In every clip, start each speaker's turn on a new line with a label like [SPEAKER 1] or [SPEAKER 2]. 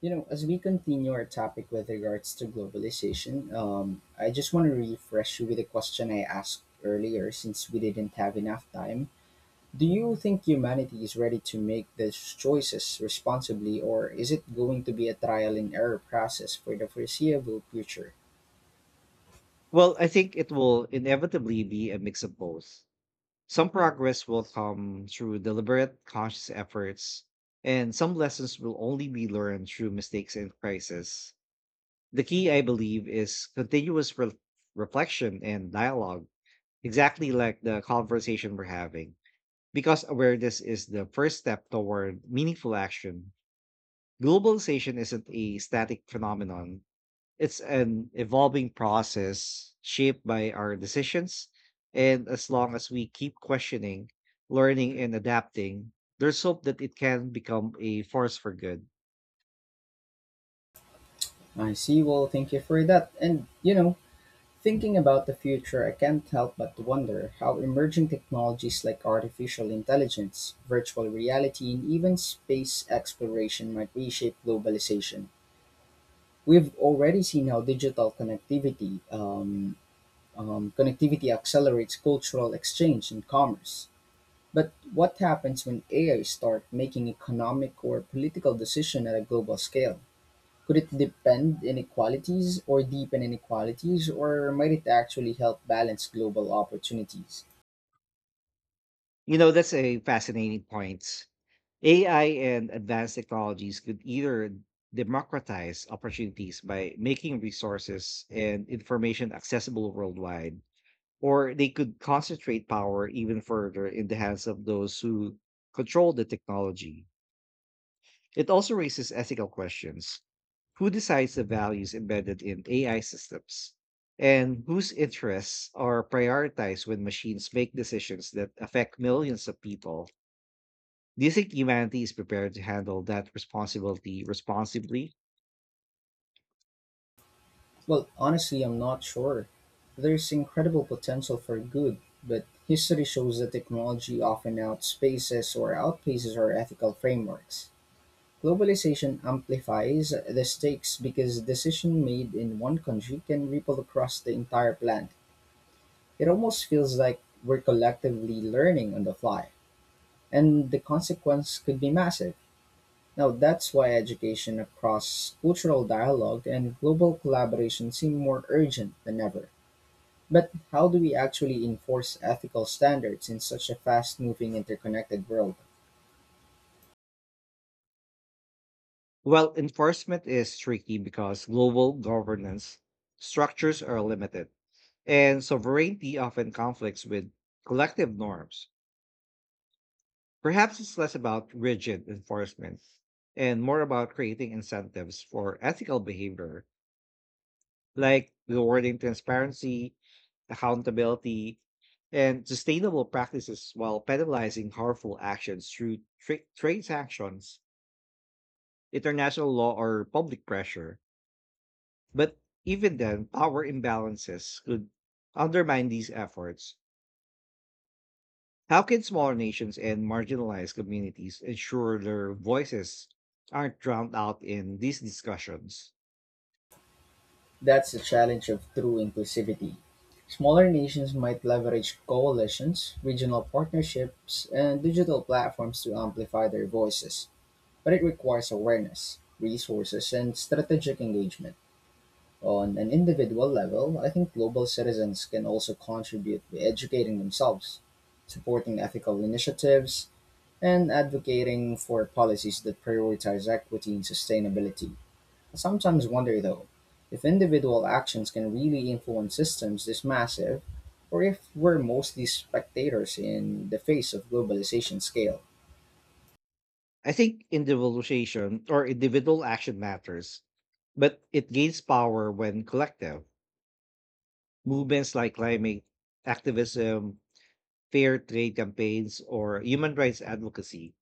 [SPEAKER 1] You know, as we continue our topic with regards to globalization, I just want to refresh you with a question I asked earlier since we didn't have enough time. Do you think humanity is ready to make these choices responsibly, or is it going to be a trial and error process for the foreseeable future?
[SPEAKER 2] Well, I think it will inevitably be a mix of both. Some progress will come through deliberate, conscious efforts, and some lessons will only be learned through mistakes and crisis. The key, I believe, is continuous reflection and dialogue, exactly like the conversation we're having, because awareness is the first step toward meaningful action. Globalization isn't a static phenomenon, it's an evolving process shaped by our decisions. And as long as we keep questioning, learning, and adapting, there's hope that it can become a force for good.
[SPEAKER 1] I see. Well, thank you for that. And, you know, thinking about the future, I can't help but wonder how emerging technologies like artificial intelligence, virtual reality, and even space exploration might reshape globalization. We've already seen how digital connectivity accelerates cultural exchange and commerce. But what happens when AI start making economic or political decisions at a global scale? Could it depend inequalities or deepen inequalities, or might it actually help balance global opportunities?
[SPEAKER 2] That's a fascinating point. AI and advanced technologies could either democratize opportunities by making resources and information accessible worldwide, or they could concentrate power even further in the hands of those who control the technology. It also raises ethical questions. Who decides the values embedded in AI systems? And whose interests are prioritized when machines make decisions that affect millions of people? Do you think humanity is prepared to handle that responsibility responsibly?
[SPEAKER 1] Well, honestly, I'm not sure. There's incredible potential for good, but history shows that technology often outspaces or outpaces our ethical frameworks. Globalization amplifies the stakes because decision made in one country can ripple across the entire planet. It almost feels like we're collectively learning on the fly, and the consequence could be massive. Now that's why education across cultural dialogue and global collaboration seem more urgent than ever. But how do we actually enforce ethical standards in such a fast moving interconnected world?
[SPEAKER 2] Well, enforcement is tricky because global governance structures are limited, and sovereignty often conflicts with collective norms. Perhaps it's less about rigid enforcement and more about creating incentives for ethical behavior, like rewarding transparency, accountability, and sustainable practices while penalizing harmful actions through trade sanctions, international law, or public pressure. But even then, power imbalances could undermine these efforts. How can smaller nations and marginalized communities ensure their voices aren't drowned out in these discussions?
[SPEAKER 1] That's the challenge of true inclusivity. Smaller nations might leverage coalitions, regional partnerships, and digital platforms to amplify their voices, but it requires awareness, resources, and strategic engagement. On an individual level, I think global citizens can also contribute by educating themselves, supporting ethical initiatives, and advocating for policies that prioritize equity and sustainability. I sometimes wonder, though, if individual actions can really influence systems this massive, or if we're mostly spectators in the face of globalization scale.
[SPEAKER 2] I think individualization or individual action matters, but it gains power when collective. Movements like climate activism, fair trade campaigns, or human rights advocacy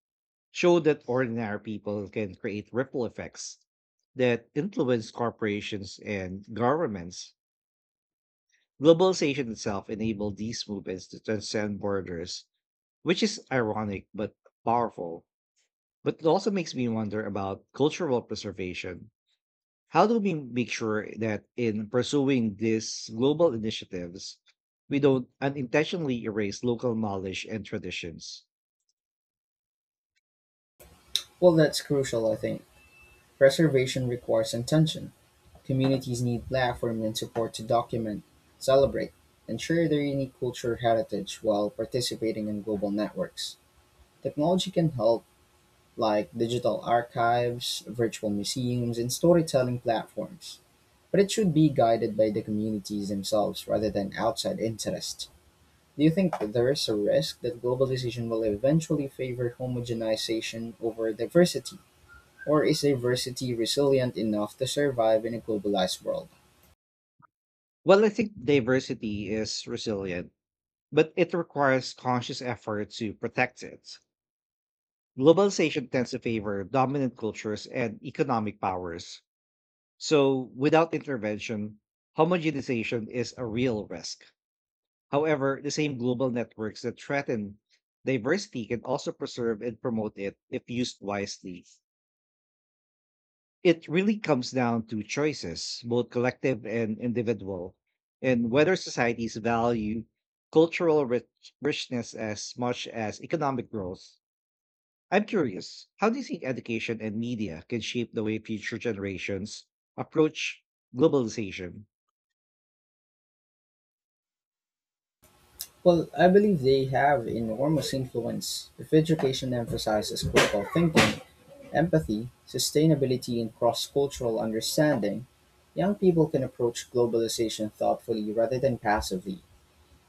[SPEAKER 2] show that ordinary people can create ripple effects that influence corporations and governments. Globalization itself enabled these movements to transcend borders, which is ironic but powerful. But it also makes me wonder about cultural preservation. How do we make sure that in pursuing these global initiatives, we don't unintentionally erase local knowledge and traditions?
[SPEAKER 1] Well, that's crucial, I think. Preservation requires intention; communities need platform and support to document, celebrate, and share their unique cultural heritage while participating in global networks. Technology can help, like digital archives, virtual museums, and storytelling platforms, but it should be guided by the communities themselves rather than outside interest. Do you think there is a risk that globalization will eventually favor homogenization over diversity? Or is diversity resilient enough to survive in a globalized world?
[SPEAKER 2] Well, I think diversity is resilient, but it requires conscious effort to protect it. Globalization tends to favor dominant cultures and economic powers, so, without intervention, homogenization is a real risk. However, the same global networks that threaten diversity can also preserve and promote it if used wisely. It really comes down to choices, both collective and individual, and whether societies value cultural richness as much as economic growth. I'm curious, how do you think education and media can shape the way future generations approach globalization?
[SPEAKER 1] Well, I believe they have enormous influence. If education emphasizes critical thinking, empathy, sustainability, and cross cultural understanding, young people can approach globalization thoughtfully rather than passively.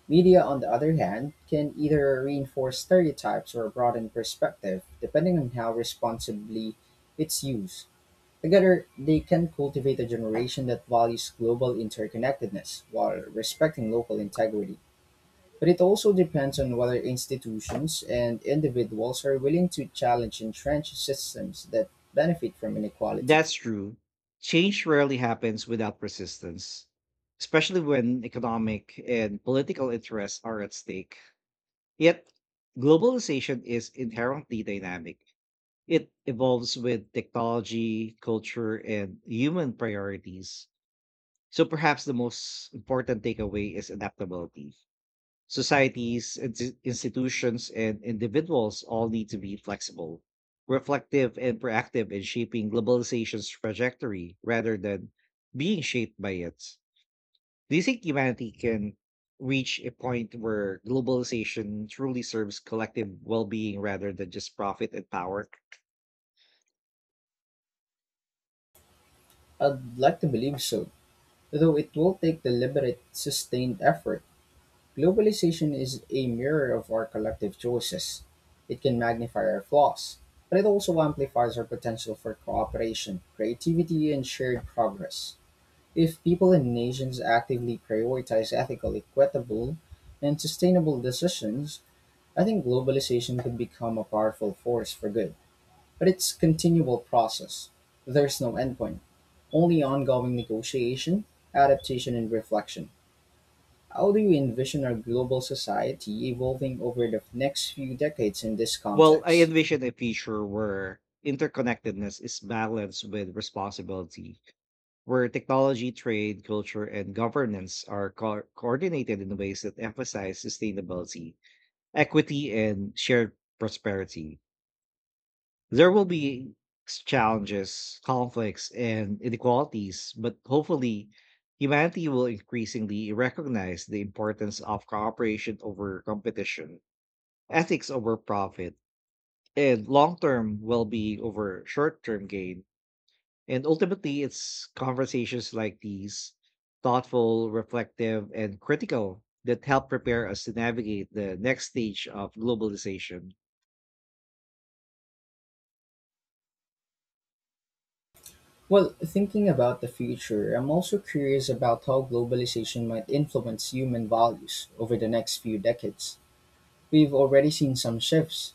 [SPEAKER 1] Media, on the other hand, can either reinforce stereotypes or broaden perspective, depending on how responsibly it's used. Together, they can cultivate a generation that values global interconnectedness while respecting local integrity. But it also depends on whether institutions and individuals are willing to challenge entrenched systems that benefit from inequality.
[SPEAKER 2] That's true. Change rarely happens without resistance, especially when economic and political interests are at stake. Yet, globalization is inherently dynamic. It evolves with technology, culture, and human priorities. So, perhaps the most important takeaway is adaptability. Societies, institutions, and individuals all need to be flexible, reflective, and proactive in shaping globalization's trajectory rather than being shaped by it. Do you think humanity can reach a point where globalization truly serves collective well being rather than just profit and power?
[SPEAKER 1] I'd like to believe so, though it will take deliberate, sustained effort. Globalization is a mirror of our collective choices. It can magnify our flaws, but it also amplifies our potential for cooperation, creativity, and shared progress. If people and nations actively prioritize ethical, equitable, and sustainable decisions, I think globalization could become a powerful force for good. But it's continual process. There's no endpoint, only ongoing negotiation, adaptation, and reflection. How do you envision our global society evolving over the next few decades in this
[SPEAKER 2] Well, I
[SPEAKER 1] context?
[SPEAKER 2] envision a future where interconnectedness is balanced with responsibility, where technology, trade, culture, and governance are coordinated in ways that emphasize sustainability, equity, and shared prosperity. There will be challenges, conflicts, and inequalities, but hopefully, humanity will increasingly recognize the importance of cooperation over competition, ethics over profit, and long term well being over short term gain. And ultimately, it's conversations like these, thoughtful, reflective, and critical, that help prepare us to navigate the next stage of globalization.
[SPEAKER 1] Well, thinking about the future, I'm also curious about how globalization might influence human values over the next few decades. We've already seen some shifts.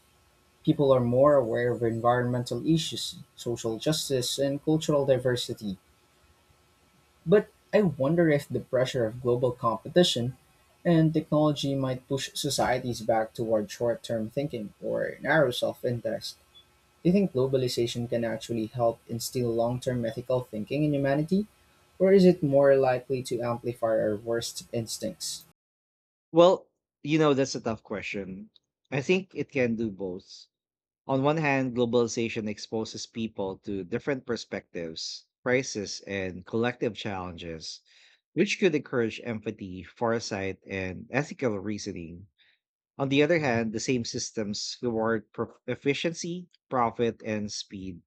[SPEAKER 1] People are more aware of environmental issues, social justice, and cultural diversity. But I wonder if the pressure of global competition and technology might push societies back toward short term thinking or narrow self interest. Do you think globalization can actually help instill long term ethical thinking in humanity? Or is it more likely to amplify our worst instincts?
[SPEAKER 2] Well, that's a tough question. I think it can do both. On one hand, globalization exposes people to different perspectives, crises, and collective challenges, which could encourage empathy, foresight, and ethical reasoning. On the other hand, the same systems reward efficiency, profit, and speed,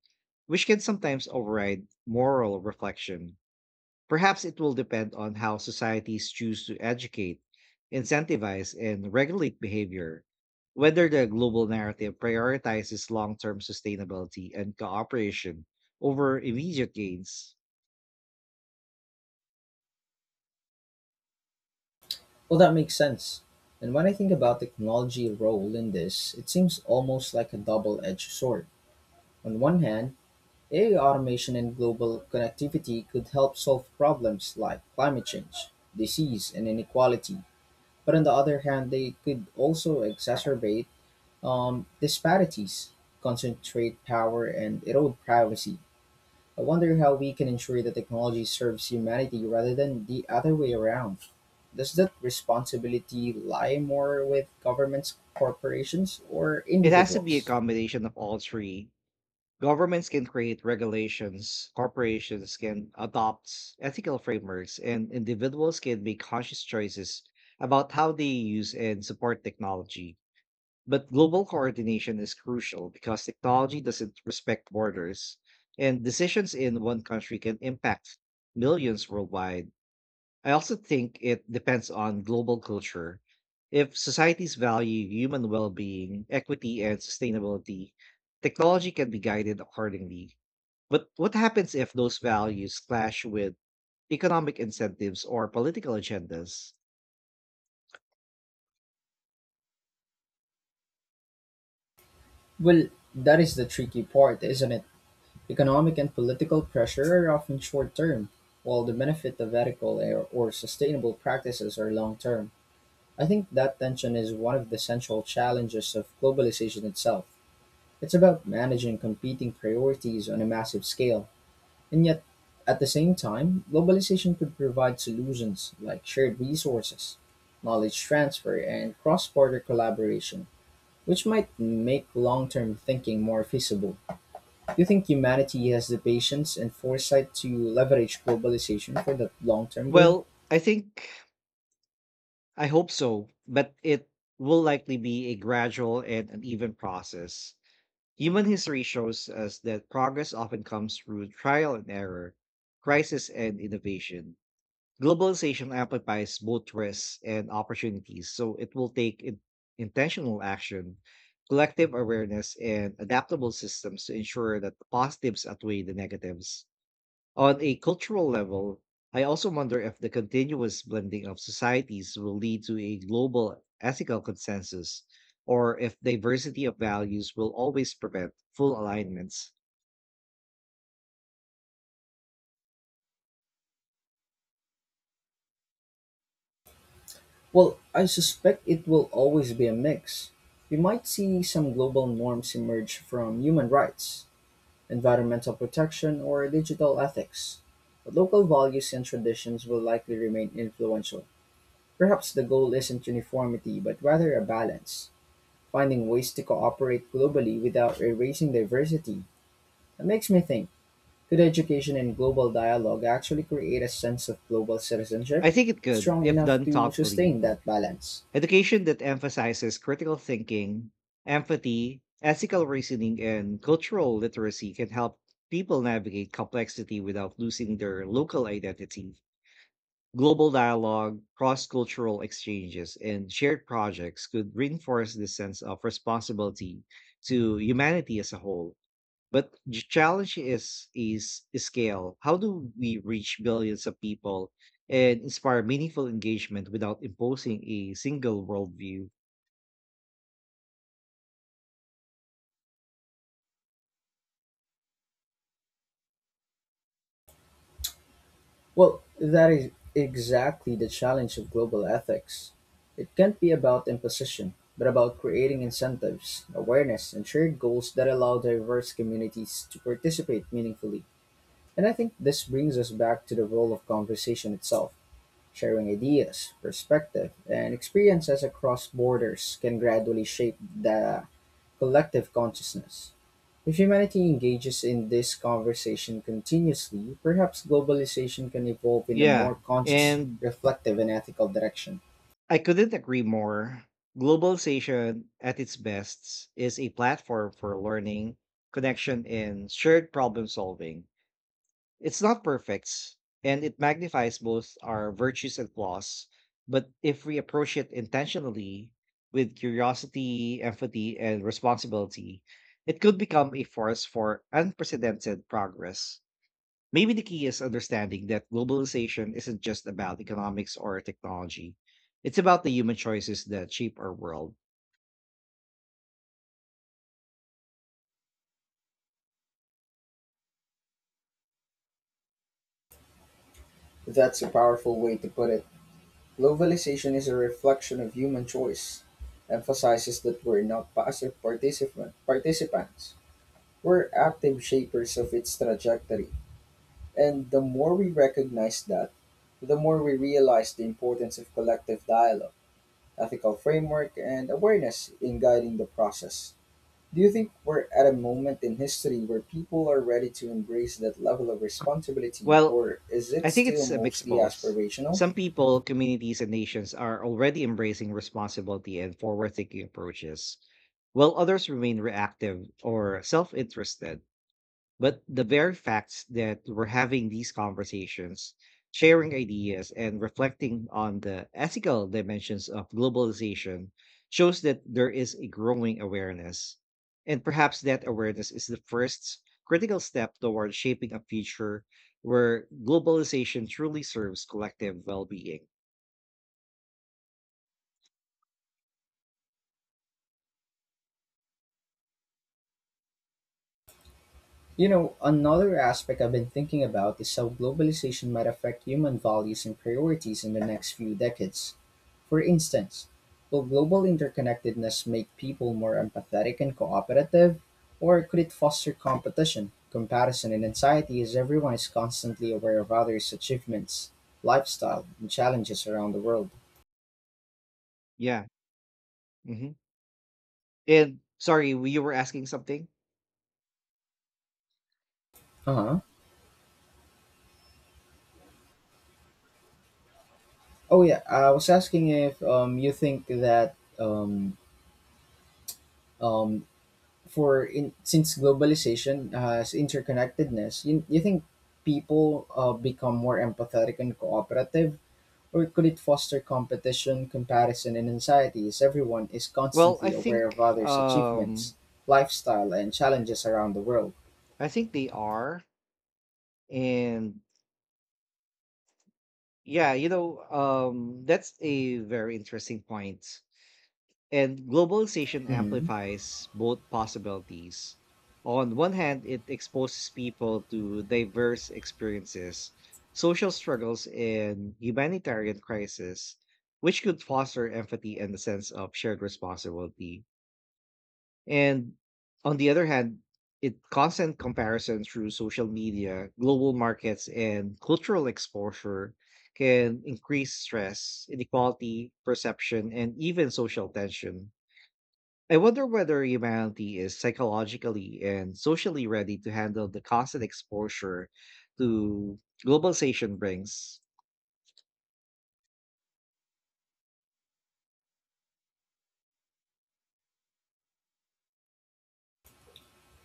[SPEAKER 2] which can sometimes override moral reflection. Perhaps it will depend on how societies choose to educate, incentivize, and regulate behavior, whether the global narrative prioritizes long term sustainability and cooperation over immediate gains.
[SPEAKER 1] Well, that makes sense. And when I think about technology role in this, it seems almost like a double-edged sword. On one hand, AI automation and global connectivity could help solve problems like climate change, disease, and inequality. But on the other hand, they could also exacerbate disparities, concentrate power, and erode privacy. I wonder how we can ensure that technology serves humanity rather than the other way around. Does that responsibility lie more with governments, corporations, or
[SPEAKER 2] It has to be a
[SPEAKER 1] individuals?
[SPEAKER 2] combination of all three. Governments can create regulations, corporations can adopt ethical frameworks, and individuals can make conscious choices about how they use and support technology. But global coordination is crucial because technology doesn't respect borders, and decisions in one country can impact millions worldwide. I also think it depends on global culture. If societies value human well being, equity, and sustainability, technology can be guided accordingly, but what happens if those values clash with economic incentives or political agendas?
[SPEAKER 1] Well, that is the tricky part, isn't it? Economic and political pressure are often short term, while the benefit of ethical or sustainable practices are long term. I think that tension is one of the central challenges of globalization itself. It's about managing competing priorities on a massive scale. And yet, at the same time, globalization could provide solutions like shared resources, knowledge transfer, and cross border collaboration, which might make long term thinking more feasible. Do you think humanity has the patience and foresight to leverage globalization for that long term good?
[SPEAKER 2] Well, I think, I hope so, but it will likely be a gradual and uneven process. Human history shows us that progress often comes through trial and error, crisis, and innovation. Globalization amplifies both risks and opportunities, so it will take intentional action, collective awareness, and adaptable systems to ensure that the positives outweigh the negatives. On a cultural level, I also wonder if the continuous blending of societies will lead to a global ethical consensus, or if diversity of values will always prevent full alignments.
[SPEAKER 1] Well, I suspect it will always be a mix. We might see some global norms emerge from human rights, environmental protection, or digital ethics, but local values and traditions will likely remain influential. Perhaps the goal isn't uniformity, but rather a balance, finding ways to cooperate globally without erasing diversity. That makes me think, could education and global dialogue actually create a sense of global citizenship
[SPEAKER 2] I think it could,
[SPEAKER 1] strong
[SPEAKER 2] if
[SPEAKER 1] enough
[SPEAKER 2] done
[SPEAKER 1] to
[SPEAKER 2] thoughtfully.
[SPEAKER 1] sustain that balance?
[SPEAKER 2] Education that emphasizes critical thinking, empathy, ethical reasoning, and cultural literacy can help people navigate complexity without losing their local identity. Global dialogue, cross cultural exchanges, and shared projects could reinforce this sense of responsibility to humanity as a whole. But the challenge is scale. How do we reach billions of people and inspire meaningful engagement without imposing a single worldview?
[SPEAKER 1] Well, that is exactly the challenge of global ethics. It can't be about imposition, but about creating incentives, awareness, and shared goals that allow diverse communities to participate meaningfully. And I think this brings us back to the role of conversation itself. Sharing ideas, perspective, and experiences across borders can gradually shape the collective consciousness. If humanity engages in this conversation continuously, perhaps globalization can evolve in a more
[SPEAKER 2] Yeah,
[SPEAKER 1] conscious,
[SPEAKER 2] and
[SPEAKER 1] reflective, and ethical direction.
[SPEAKER 2] I couldn't agree more. Globalization at its best is a platform for learning, connection, and shared problem solving. It's not perfect, and it magnifies both our virtues and flaws. But if we approach it intentionally with curiosity, empathy, and responsibility, it could become a force for unprecedented progress. Maybe the key is understanding that globalization isn't just about economics or technology. It's about the human choices that shape our world.
[SPEAKER 1] That's a powerful way to put it. Globalization is a reflection of human choice, emphasizes that we're not participants, we're active shapers of its trajectory. And the more we recognize that, the more we realize the importance of collective dialogue, ethical framework, and awareness in guiding the process. Do you think we're at a moment in history where people are ready to embrace that level of responsibility,
[SPEAKER 2] Well,
[SPEAKER 1] or is it
[SPEAKER 2] I think
[SPEAKER 1] still
[SPEAKER 2] it's a mix of
[SPEAKER 1] mostly
[SPEAKER 2] both.
[SPEAKER 1] aspirational?
[SPEAKER 2] Some people, communities, and nations are already embracing responsibility and forward thinking approaches, while others remain reactive or self interested. But the very facts that we're having these conversations, sharing ideas, and reflecting on the ethical dimensions of globalization shows that there is a growing awareness. And perhaps that awareness is the first critical step toward shaping a future where globalization truly serves collective well being.
[SPEAKER 1] You know, another aspect I've been thinking about is how globalization might affect human values and priorities in the next few decades. For instance, will global interconnectedness make people more empathetic and cooperative, or could it foster competition, comparison, and anxiety as everyone is constantly aware of others' achievements, lifestyle, and challenges around the world?
[SPEAKER 2] Yeah. hmm And sorry, you were asking something?
[SPEAKER 1] Uh huh. Oh yeah, I was asking if you think that um, since globalization has interconnectedness, you think people become more empathetic and cooperative, or could it foster competition, comparison, and anxiety as everyone is
[SPEAKER 2] Well, I
[SPEAKER 1] constantly aware of
[SPEAKER 2] think
[SPEAKER 1] others' achievements,
[SPEAKER 2] um
[SPEAKER 1] lifestyle, and challenges around the world?
[SPEAKER 2] I think they are. And yeah, that's a very interesting point. And globalization
[SPEAKER 1] Mhm.
[SPEAKER 2] amplifies both possibilities. On one hand, it exposes people to diverse experiences, social struggles, and humanitarian crises, which could foster empathy and a sense of shared responsibility. And on the other hand, it constant comparison through social media, global markets, and cultural exposure can increase stress, inequality, perception, and even social tension. I wonder whether humanity is psychologically and socially ready to handle the constant exposure to globalization brings.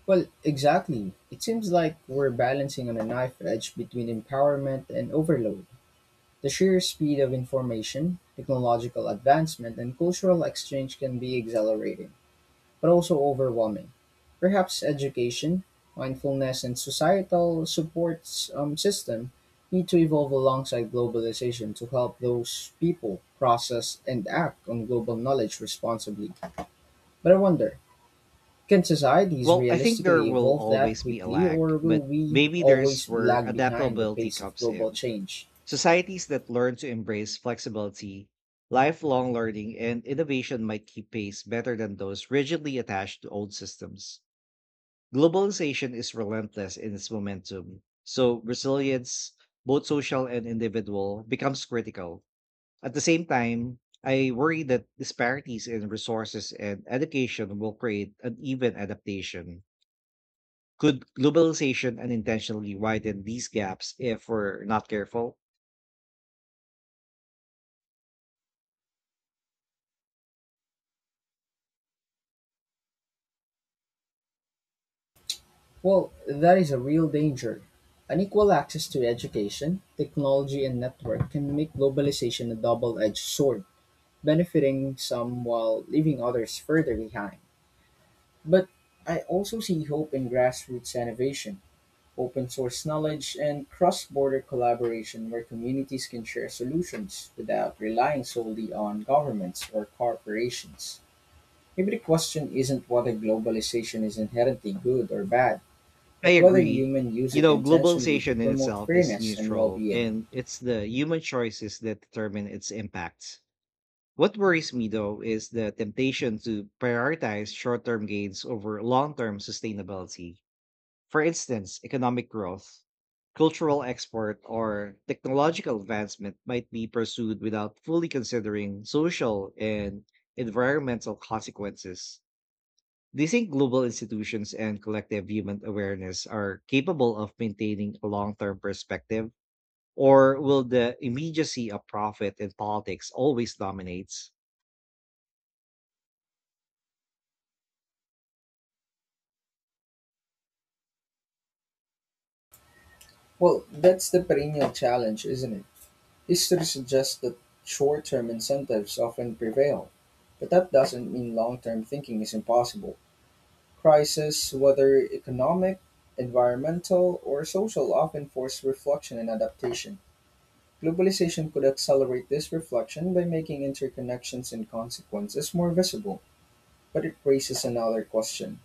[SPEAKER 1] Well, exactly. It seems like we're balancing on a knife edge between empowerment and overload. The sheer speed of information, technological advancement, and cultural exchange can be exhilarating but also overwhelming. Perhaps education, mindfulness, and societal support system need to evolve alongside globalization to help those people process and act on global knowledge responsibly. But I wonder, can societies
[SPEAKER 2] Well, I think there
[SPEAKER 1] realistically
[SPEAKER 2] will
[SPEAKER 1] evolve that
[SPEAKER 2] always be a
[SPEAKER 1] quickly,
[SPEAKER 2] lag,
[SPEAKER 1] or will
[SPEAKER 2] but
[SPEAKER 1] we
[SPEAKER 2] maybe there's
[SPEAKER 1] always
[SPEAKER 2] where
[SPEAKER 1] lag behind the
[SPEAKER 2] adaptability
[SPEAKER 1] pace of
[SPEAKER 2] comes
[SPEAKER 1] global
[SPEAKER 2] in.
[SPEAKER 1] change?
[SPEAKER 2] Societies that learn to embrace flexibility, lifelong learning, and innovation might keep pace better than those rigidly attached to old systems. Globalization is relentless in its momentum, so resilience, both social and individual, becomes critical. At the same time, I worry that disparities in resources and education will create uneven adaptation. Could globalization unintentionally widen these gaps if we're not careful?
[SPEAKER 1] Well, that is a real danger. Unequal access to education, technology, and network can make globalization a double edged sword, benefiting some while leaving others further behind. But I also see hope in grassroots innovation, open source knowledge, and cross border collaboration where communities can share solutions without relying solely on governments or corporations. Maybe the question isn't whether globalization is inherently good or bad,
[SPEAKER 2] I
[SPEAKER 1] but whether
[SPEAKER 2] agree.
[SPEAKER 1] humans use it intentionally to
[SPEAKER 2] Globalization in
[SPEAKER 1] promote
[SPEAKER 2] itself is
[SPEAKER 1] fairness and well
[SPEAKER 2] neutral,
[SPEAKER 1] being.
[SPEAKER 2] and it's the human choices that determine its impacts. What worries me, though, is the temptation to prioritize short term gains over long term sustainability. For instance, economic growth, cultural export, or technological advancement might be pursued without fully considering social and environmental consequences. Do you think global institutions and collective human awareness are capable of maintaining a long term perspective? Or will the immediacy of profit and politics always dominates?
[SPEAKER 1] Well, that's the perennial challenge, isn't it? History suggests that short-term incentives often prevail, but that doesn't mean long-term thinking is impossible. Crises, whether economic, environmental, or social, often force reflection and adaptation. Globalization could accelerate this reflection by making interconnections and consequences more visible, but it raises another question.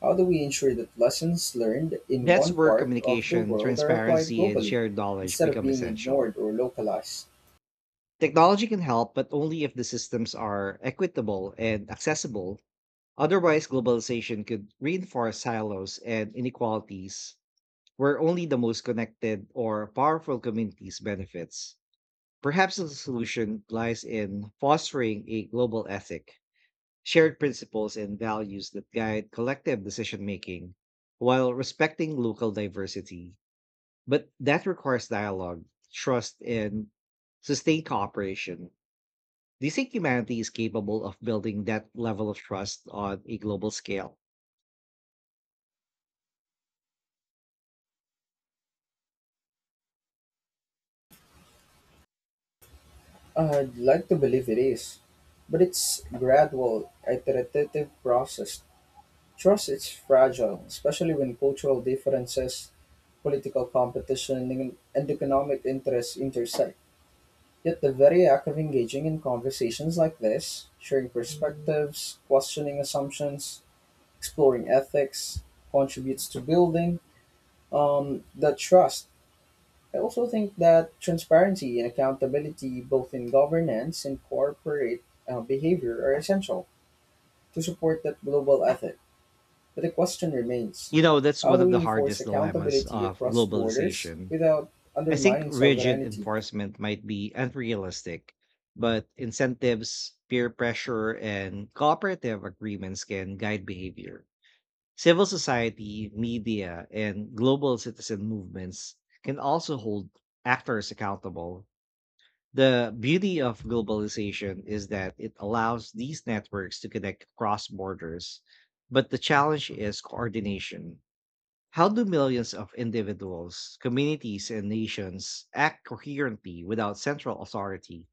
[SPEAKER 1] How do we ensure that lessons learned in
[SPEAKER 2] That's
[SPEAKER 1] one
[SPEAKER 2] where
[SPEAKER 1] part of the
[SPEAKER 2] communication,
[SPEAKER 1] world are applied
[SPEAKER 2] transparency, and
[SPEAKER 1] globally
[SPEAKER 2] shared knowledge
[SPEAKER 1] instead of
[SPEAKER 2] become
[SPEAKER 1] being
[SPEAKER 2] essential.
[SPEAKER 1] ignored or localized?
[SPEAKER 2] Technology can help, but only if the systems are equitable and accessible. Otherwise, globalization could reinforce silos and inequalities where only the most connected or powerful communities benefits. Perhaps the solution lies in fostering a global ethic, shared principles and values that guide collective decision making while respecting local diversity. But that requires dialogue, trust, and sustained cooperation. Do you think humanity is capable of building that level of trust on a global scale?
[SPEAKER 1] I'd like to believe it is, but it's gradual, iterative process. Trust is fragile, especially when cultural differences, political competition, and economic interests intersect. Yet the very act of engaging in conversations like this, sharing perspectives, questioning assumptions, exploring ethics, contributes to building the trust. I also think that transparency and accountability, both in governance and corporate behavior, are essential to support that global ethic. But the question remains,
[SPEAKER 2] That's
[SPEAKER 1] how
[SPEAKER 2] one
[SPEAKER 1] do
[SPEAKER 2] of
[SPEAKER 1] we
[SPEAKER 2] the
[SPEAKER 1] enforce
[SPEAKER 2] hardest dilemmas
[SPEAKER 1] accountability
[SPEAKER 2] of
[SPEAKER 1] across borders
[SPEAKER 2] globalization.
[SPEAKER 1] without
[SPEAKER 2] I think
[SPEAKER 1] undermining
[SPEAKER 2] rigid
[SPEAKER 1] sovereignty?
[SPEAKER 2] enforcement might be unrealistic, but incentives, peer pressure, and cooperative agreements can guide behavior. Civil society, media, and global citizen movements can also hold actors accountable. The beauty of globalization is that it allows these networks to connect across borders, but the challenge is coordination. How do millions of individuals, communities, and nations act coherently without central authority?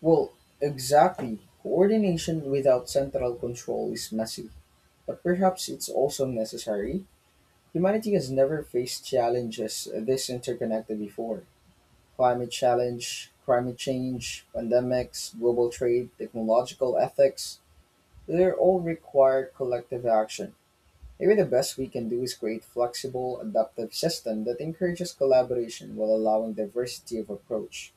[SPEAKER 1] Well, exactly. Coordination without central control is messy, but perhaps it's also necessary. Humanity has never faced challenges this interconnected before. Climate change, pandemics, global trade, technological ethics, they all require collective action. Maybe the best we can do is create flexible, adaptive system that encourages collaboration while allowing diversity of approach.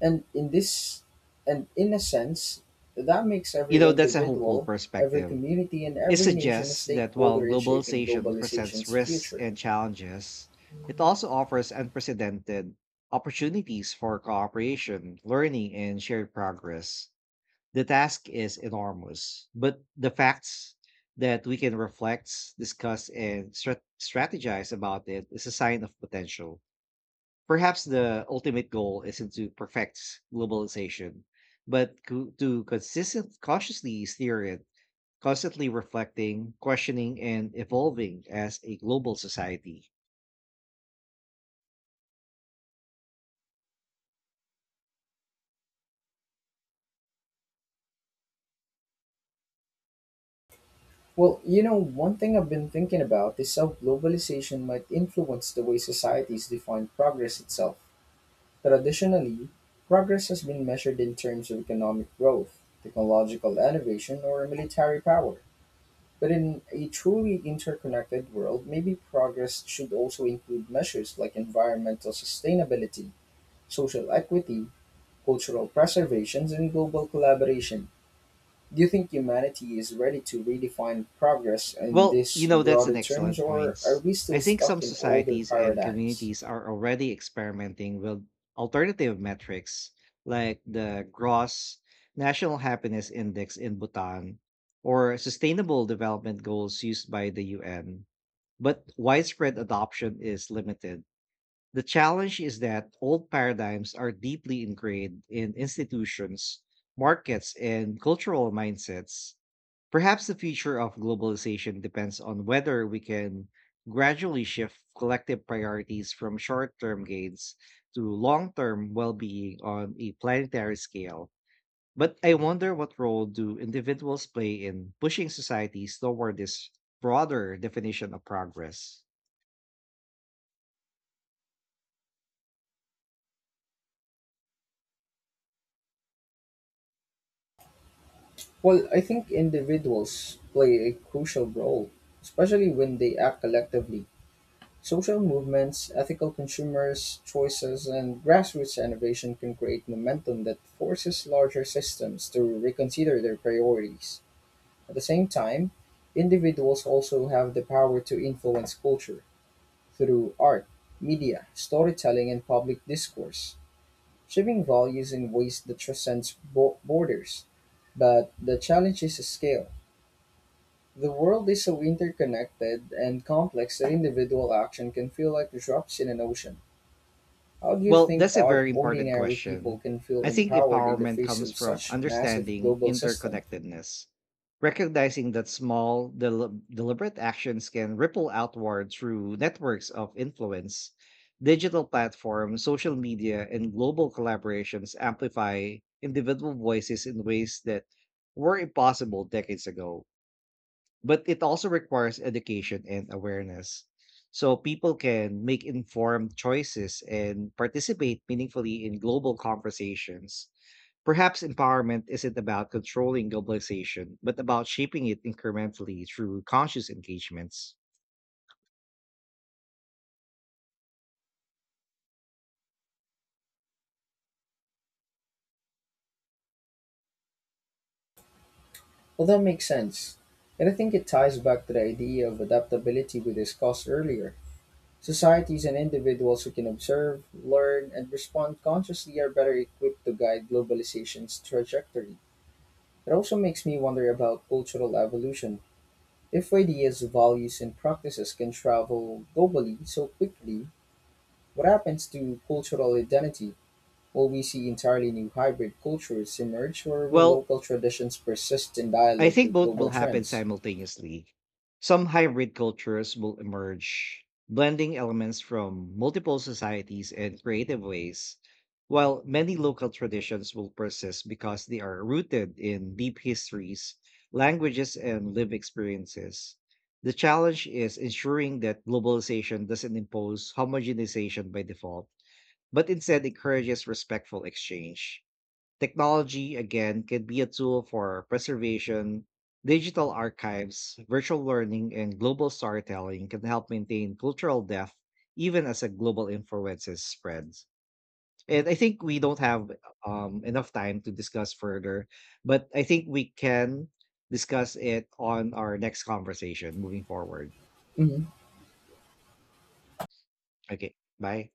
[SPEAKER 1] And in this and in a sense, that makes every
[SPEAKER 2] That's a hopeful
[SPEAKER 1] individual, every
[SPEAKER 2] perspective.
[SPEAKER 1] community and
[SPEAKER 2] It
[SPEAKER 1] every nation a
[SPEAKER 2] suggests that while
[SPEAKER 1] stakeholder in shaping
[SPEAKER 2] globalization presents
[SPEAKER 1] globalization's
[SPEAKER 2] risks
[SPEAKER 1] future.
[SPEAKER 2] and challenges, it also offers unprecedented opportunities for cooperation, learning, and shared progress. The task is enormous, but the facts that we can reflect, discuss, and strategize about it is a sign of potential. Perhaps the ultimate goal isn't to perfect globalization, but to consistent, cautiously steer it, constantly reflecting, questioning, and evolving as a global society.
[SPEAKER 1] Well, you know, one thing I've been thinking about is how globalization might influence the way societies define progress itself. Traditionally, progress has been measured in terms of economic growth, technological innovation, or military power. But in a truly interconnected world, maybe progress should also include measures like environmental sustainability, social equity, cultural preservations, and global collaboration. Do you think humanity is ready to redefine progress in
[SPEAKER 2] Well,
[SPEAKER 1] these
[SPEAKER 2] that's an
[SPEAKER 1] broader terms,
[SPEAKER 2] excellent
[SPEAKER 1] or are
[SPEAKER 2] point.
[SPEAKER 1] we
[SPEAKER 2] I
[SPEAKER 1] still
[SPEAKER 2] think some
[SPEAKER 1] stuck in older
[SPEAKER 2] societies and
[SPEAKER 1] paradigms?
[SPEAKER 2] communities are already experimenting with alternative metrics like the gross national happiness index in Bhutan or sustainable development goals used by the UN, but widespread adoption is limited. The challenge is that old paradigms are deeply ingrained in institutions, markets, and cultural mindsets. Perhaps the future of globalization depends on whether we can gradually shift collective priorities from short term gains to long term well being on a planetary scale. But I wonder, what role do individuals play in pushing societies toward this broader definition of progress?
[SPEAKER 1] Well, I think individuals play a crucial role, especially when they act collectively. Social movements, ethical consumers' choices, and grassroots innovation can create momentum that forces larger systems to reconsider their priorities. At the same time, individuals also have the power to influence culture through art, media, storytelling, and public discourse, shaping values in ways that transcends borders. But the challenge is scale. The world is so interconnected and complex that individual action can feel like drops in an ocean. How do you
[SPEAKER 2] Well,
[SPEAKER 1] think
[SPEAKER 2] that's a
[SPEAKER 1] our
[SPEAKER 2] very important
[SPEAKER 1] ordinary people
[SPEAKER 2] question.
[SPEAKER 1] can feel
[SPEAKER 2] I think
[SPEAKER 1] empowered in the
[SPEAKER 2] empowerment
[SPEAKER 1] face
[SPEAKER 2] comes
[SPEAKER 1] of
[SPEAKER 2] from
[SPEAKER 1] such massive
[SPEAKER 2] understanding
[SPEAKER 1] global system?
[SPEAKER 2] interconnectedness, recognizing that small, deliberate actions can ripple outward through networks of influence. Digital platforms, social media, and global collaborations amplify individual voices in ways that were impossible decades ago, but it also requires education and awareness so people can make informed choices and participate meaningfully in global conversations. Perhaps empowerment isn't about controlling globalization but about shaping it incrementally through conscious engagements.
[SPEAKER 1] Well, that makes sense. And I think it ties back to the idea of adaptability we discussed earlier. Societies and individuals who can observe, learn, and respond consciously are better equipped to guide globalization's trajectory. It also makes me wonder about cultural evolution. If ideas, values, and practices can travel globally so quickly, what happens to cultural identity? Will we see entirely new hybrid cultures emerge, or will
[SPEAKER 2] Well,
[SPEAKER 1] local traditions persist in
[SPEAKER 2] I
[SPEAKER 1] dialogue
[SPEAKER 2] think
[SPEAKER 1] with
[SPEAKER 2] both will
[SPEAKER 1] global
[SPEAKER 2] happen
[SPEAKER 1] trends?
[SPEAKER 2] simultaneously. Some hybrid cultures will emerge, blending elements from multiple societies in creative ways, while many local traditions will persist because they are rooted in deep histories, languages, and lived experiences. The challenge is ensuring that globalization doesn't impose homogenization by default, but instead encourages respectful exchange. Technology, again, can be a tool for preservation. Digital archives, virtual learning, and global storytelling can help maintain cultural depth even as a global influences spreads. And I think we don't have enough time to discuss further, but I think we can discuss it on our next conversation moving forward.
[SPEAKER 1] Mhm.
[SPEAKER 2] Okay, bye.